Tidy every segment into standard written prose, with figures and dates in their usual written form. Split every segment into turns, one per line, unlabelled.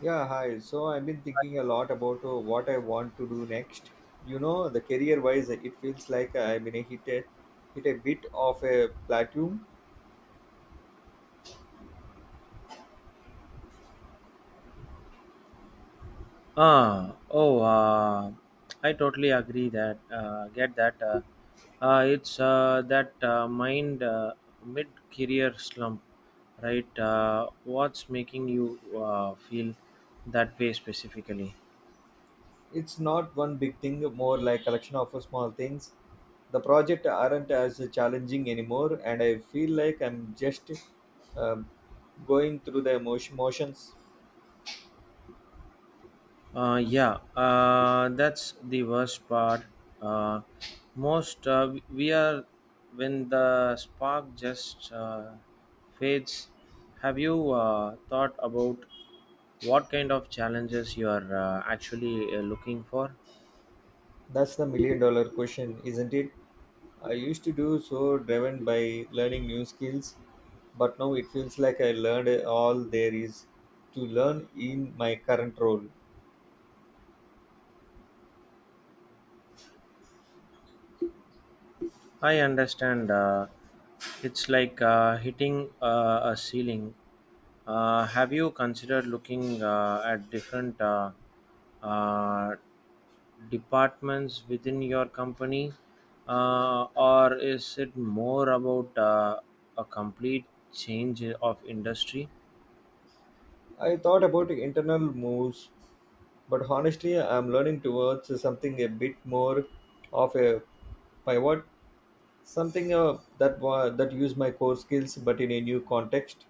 Yeah, hi. So I've been thinking a lot about what I want to do next. You know, the career-wise, it feels like I'm in hit a bit of a plateau.
Ah, oh, I totally agree that get that. It's that mind mid-career slump, right? What's making you feel that way specifically?
It's not one big thing, more like collection of small things. The project aren't as challenging anymore, and I feel like I'm just um, going through the emotion motions.
Yeah, that's the worst part. Uh, most We are when the spark just fades. Have you thought about what kind of challenges you are actually looking for.
That's the million-dollar question, isn't it? I used to do so driven by learning new skills, but now it feels like I learned all there is to learn in my current role.
I understand. It's like hitting a ceiling. Have you considered looking at different uh, departments within your company, or is it more about a complete change of industry?
I thought about internal moves, but honestly, I'm learning towards something a bit more of a pivot, something that use my core skills but in a new context.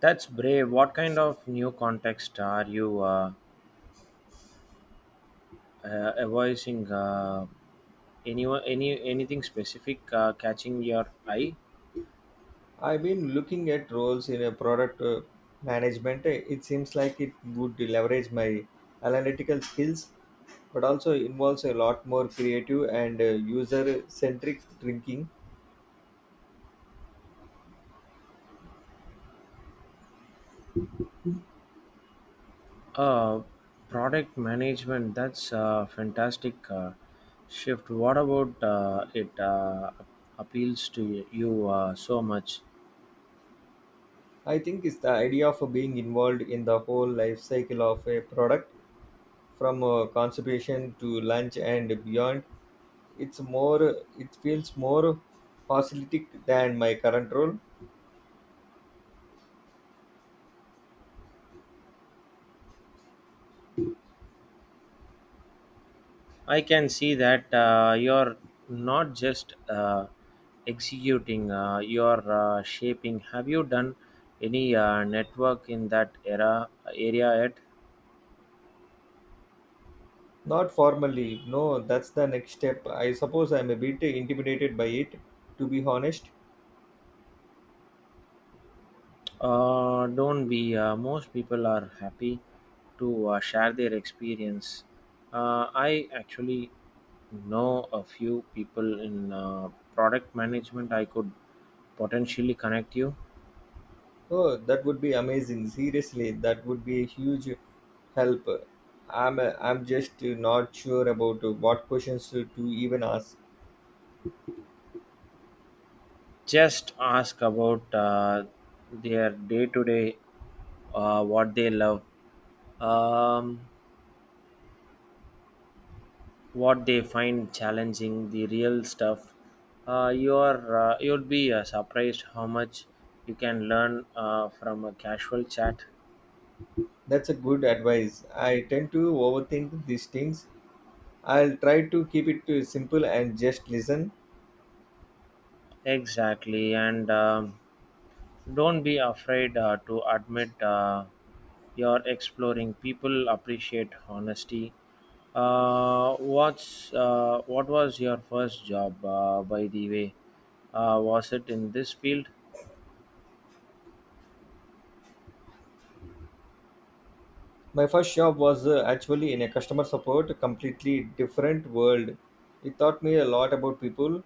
That's brave. What kind of new context are you avoiding? Anyone, anything specific catching your eye?
I've been looking at roles in a product management. It seems like it would leverage my analytical skills but also involves a lot more creative and user centric thinking.
uh, Product management, that's a fantastic shift. What about it appeals to you so much?
I think it's the idea of being involved in the whole life cycle of a product from conception to launch and beyond. It's it feels more holistic than my current role.
I can see that. You're not just executing, you're shaping. Have you done any network in that era area yet?
Not formally, no, that's the next step. I suppose I'm a bit intimidated by it, to be honest.
Don't be. Most people are happy to share their experience. I actually know a few people in product management I could potentially connect you.
Oh, that would be amazing. Seriously, that would be a huge help. I'm just not sure about what questions to even ask.
Just ask about their day to day, what they love. Um, what they find challenging, the real stuff. You'd be surprised how much you can learn from a casual chat.
That's a good advice. I tend to overthink these things. I'll try to keep it simple and just listen.
Exactly. And don't be afraid to admit you're exploring. People appreciate honesty. What was your first job, by the way? Was it in this field?
My first job was actually in a customer support, a completely different world. It taught me a lot about people,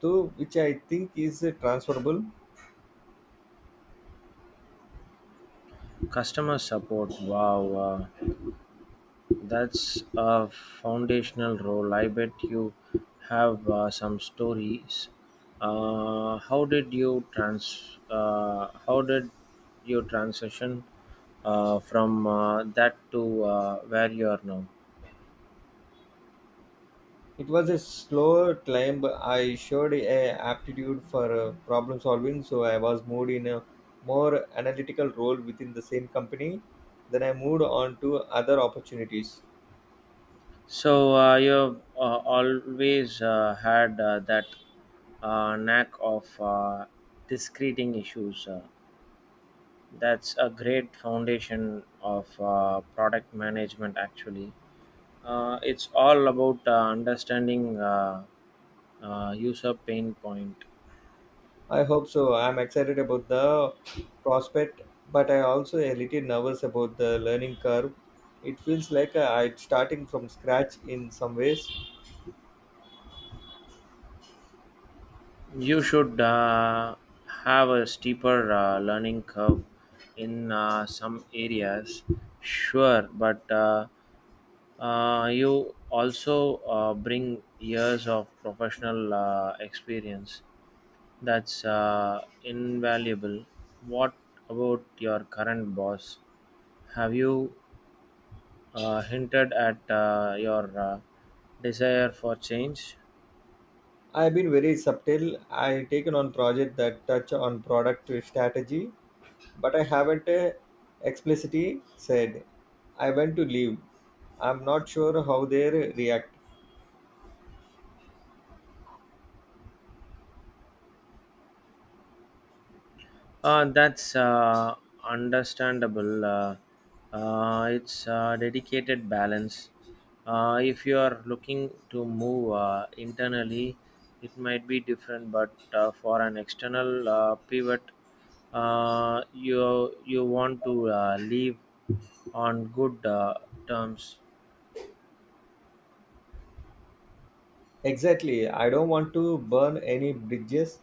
too, which I think is transferable.
Customer support, wow. Uh, That's a foundational role. I bet you have some stories. How did you transition from that to where you are now?
It was a slow climb, but I showed a aptitude for problem solving, so I was moved in a more analytical role within the same company. Then I moved on to other opportunities.
So you've always had that knack of discreting issues. That's a great foundation of product management, actually. It's all about understanding user pain point.
I hope so. I'm excited about the prospect, but I also a little nervous about the learning curve. It feels like I'm starting from scratch in some ways.
You should have a steeper learning curve in some areas, sure, but you also bring years of professional experience that's invaluable. What about your current boss? Have you hinted at your desire for change?
I've been very subtle. I taken on project that touch on product strategy, but I haven't explicitly said I want to leave. I'm not sure how they react.
That's understandable. It's a dedicated balance. If you are looking to move internally, it might be different, but for an external pivot, you want to leave on good terms.
Exactly. I don't want to burn any bridges.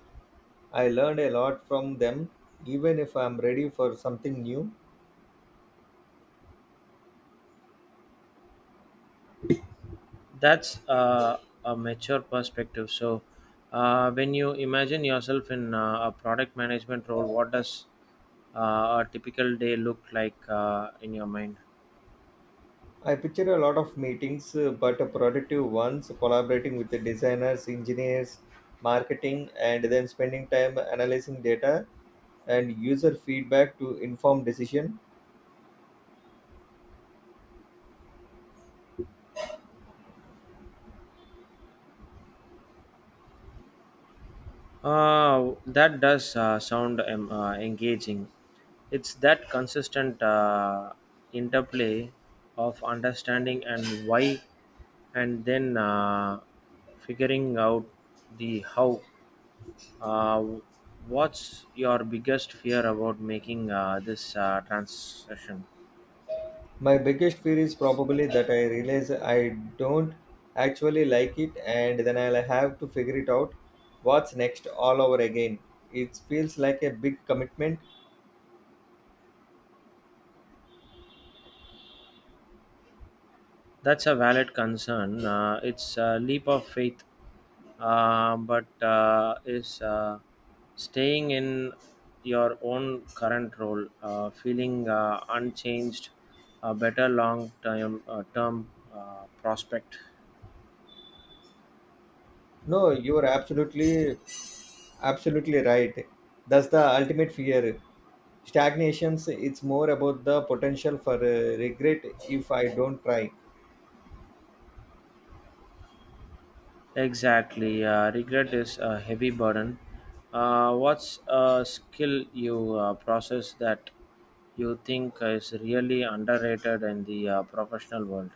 I learned a lot from them, even if I'm ready for something new.
That's a mature perspective. So, when you imagine yourself in a product management role, what does a typical day look like in your mind?
I picture a lot of meetings, but productive ones, collaborating with the designers, engineers, marketing, and then spending time analyzing data and user feedback to inform decision.
That does sound engaging. It's that consistent interplay of understanding and why, and then figuring out the how. Uh, what's your biggest fear about making this transition?
My biggest fear is probably that I realize I don't actually like it and then I'll have to figure it out what's next all over again. It feels like a big commitment.
That's a valid concern. It's a leap of faith, but is staying in your own current role, feeling unchanged, a better long term prospect?
No, you're absolutely right. That's the ultimate fear. Stagnations, it's more about the potential for regret if I don't try.
Exactly. Regret is a heavy burden. What's a skill you process that you think is really underrated in the professional world?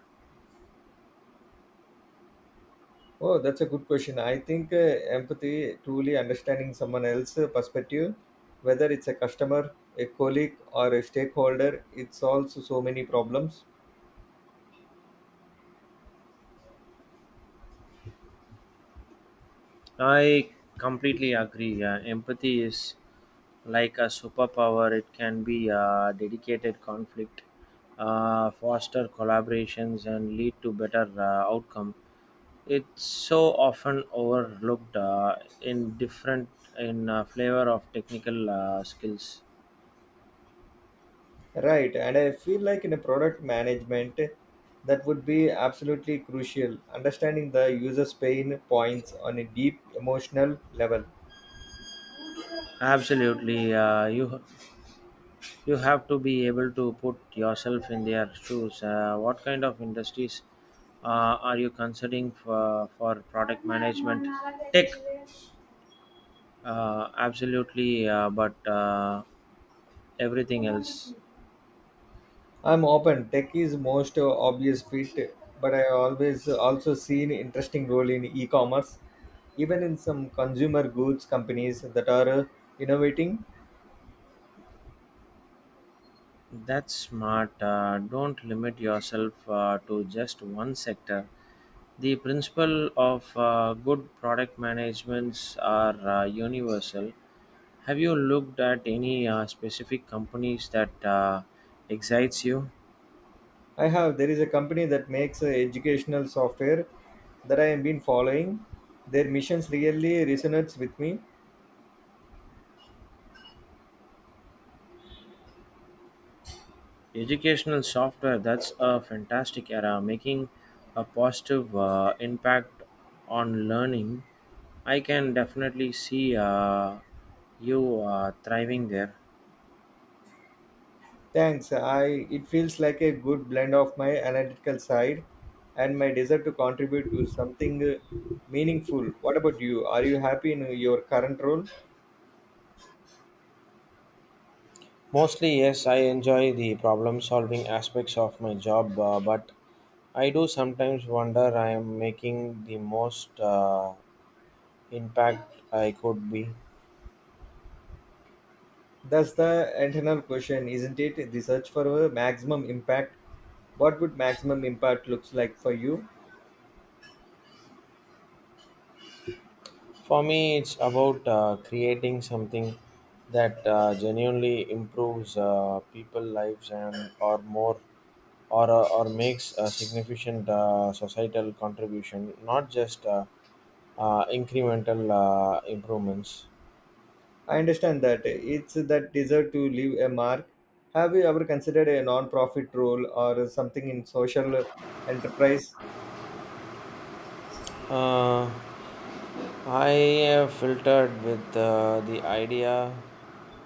Oh, that's a good question. I think empathy, truly understanding someone else's perspective, whether it's a customer, a colleague, or a stakeholder, it solves so many problems.
I completely agree. Yeah. Empathy is like a superpower, it can be a dedicated conflict, foster collaborations, and lead to better outcome. It's so often overlooked in flavor of technical skills.
Right. And I feel like in a product management, that would be absolutely crucial. Understanding the user's pain points on a deep emotional level.
Absolutely, you have to be able to put yourself in their shoes. What kind of industries are you considering for product management? Tech, absolutely, but everything else.
I'm open. Tech is most obvious fit, but I always also seen interesting role in e-commerce even in some consumer goods companies that are innovating.
That's smart. Don't limit yourself to just one sector. The principle of good product managements are universal. Have you looked at any specific companies that excites you?
I have. There is a company that makes educational software that I have been following. Their missions really resonates with me.
Educational software, that's a fantastic era, making a positive impact on learning. I can definitely see you thriving there.
Thanks i It feels like a good blend of my analytical side and my desire to contribute to something meaningful. What about you, are you happy in your current role?
Mostly, yes, I enjoy the problem solving aspects of my job, but I do sometimes wonder I am making the most impact I could be.
That's the internal question, isn't it? The search for a maximum impact. What would maximum impact looks like for you?
For me, it's about creating something that genuinely improves people lives and or more or makes a significant societal contribution, not just incremental improvements.
I understand that. It's that desire to leave a mark. Have you ever considered a non-profit role or something in social enterprise?
Uh, I have filtered with the idea.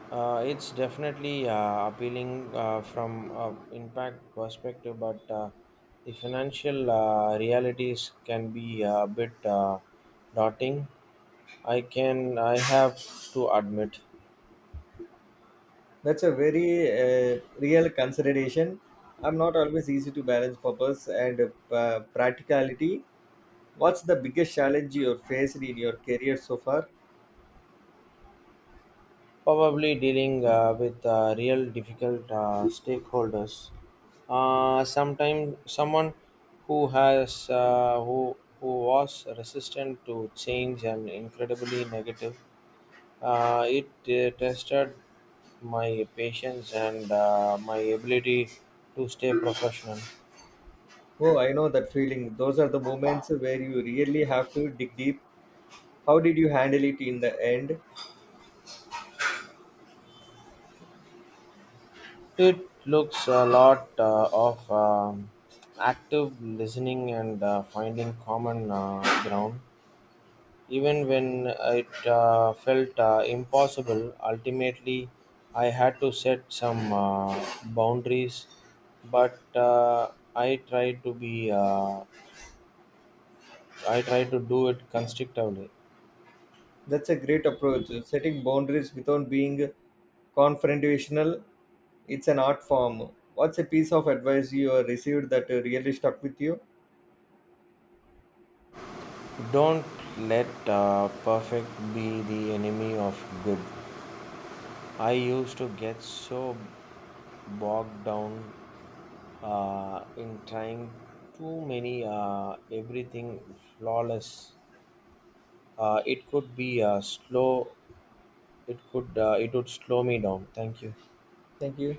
It's definitely appealing from impact perspective, but the financial realities can be a bit daunting. I have to admit.
That's a very real consideration. I'm not always easy to balance purpose and practicality. What's the biggest challenge you faced in your career so far?
Probably dealing with real difficult stakeholders. Sometimes someone who has who was resistant to change and incredibly negative. It tested my patience and my ability to stay professional.
Oh, I know that feeling. Those are the moments where you really have to dig deep. How did you handle it in the end?
It looks a lot of active listening and finding common ground. Even when it felt impossible, ultimately I had to set some boundaries. But I tried to do it constructively.
That's a great approach. Setting boundaries without being confrontational, it's an art form. What's a piece of advice you received that really stuck with you?
Don't let perfect be the enemy of good. I used to get so bogged down in trying too many everything flawless. It could be slow. It could. It would slow me down. Thank you.
Thank you.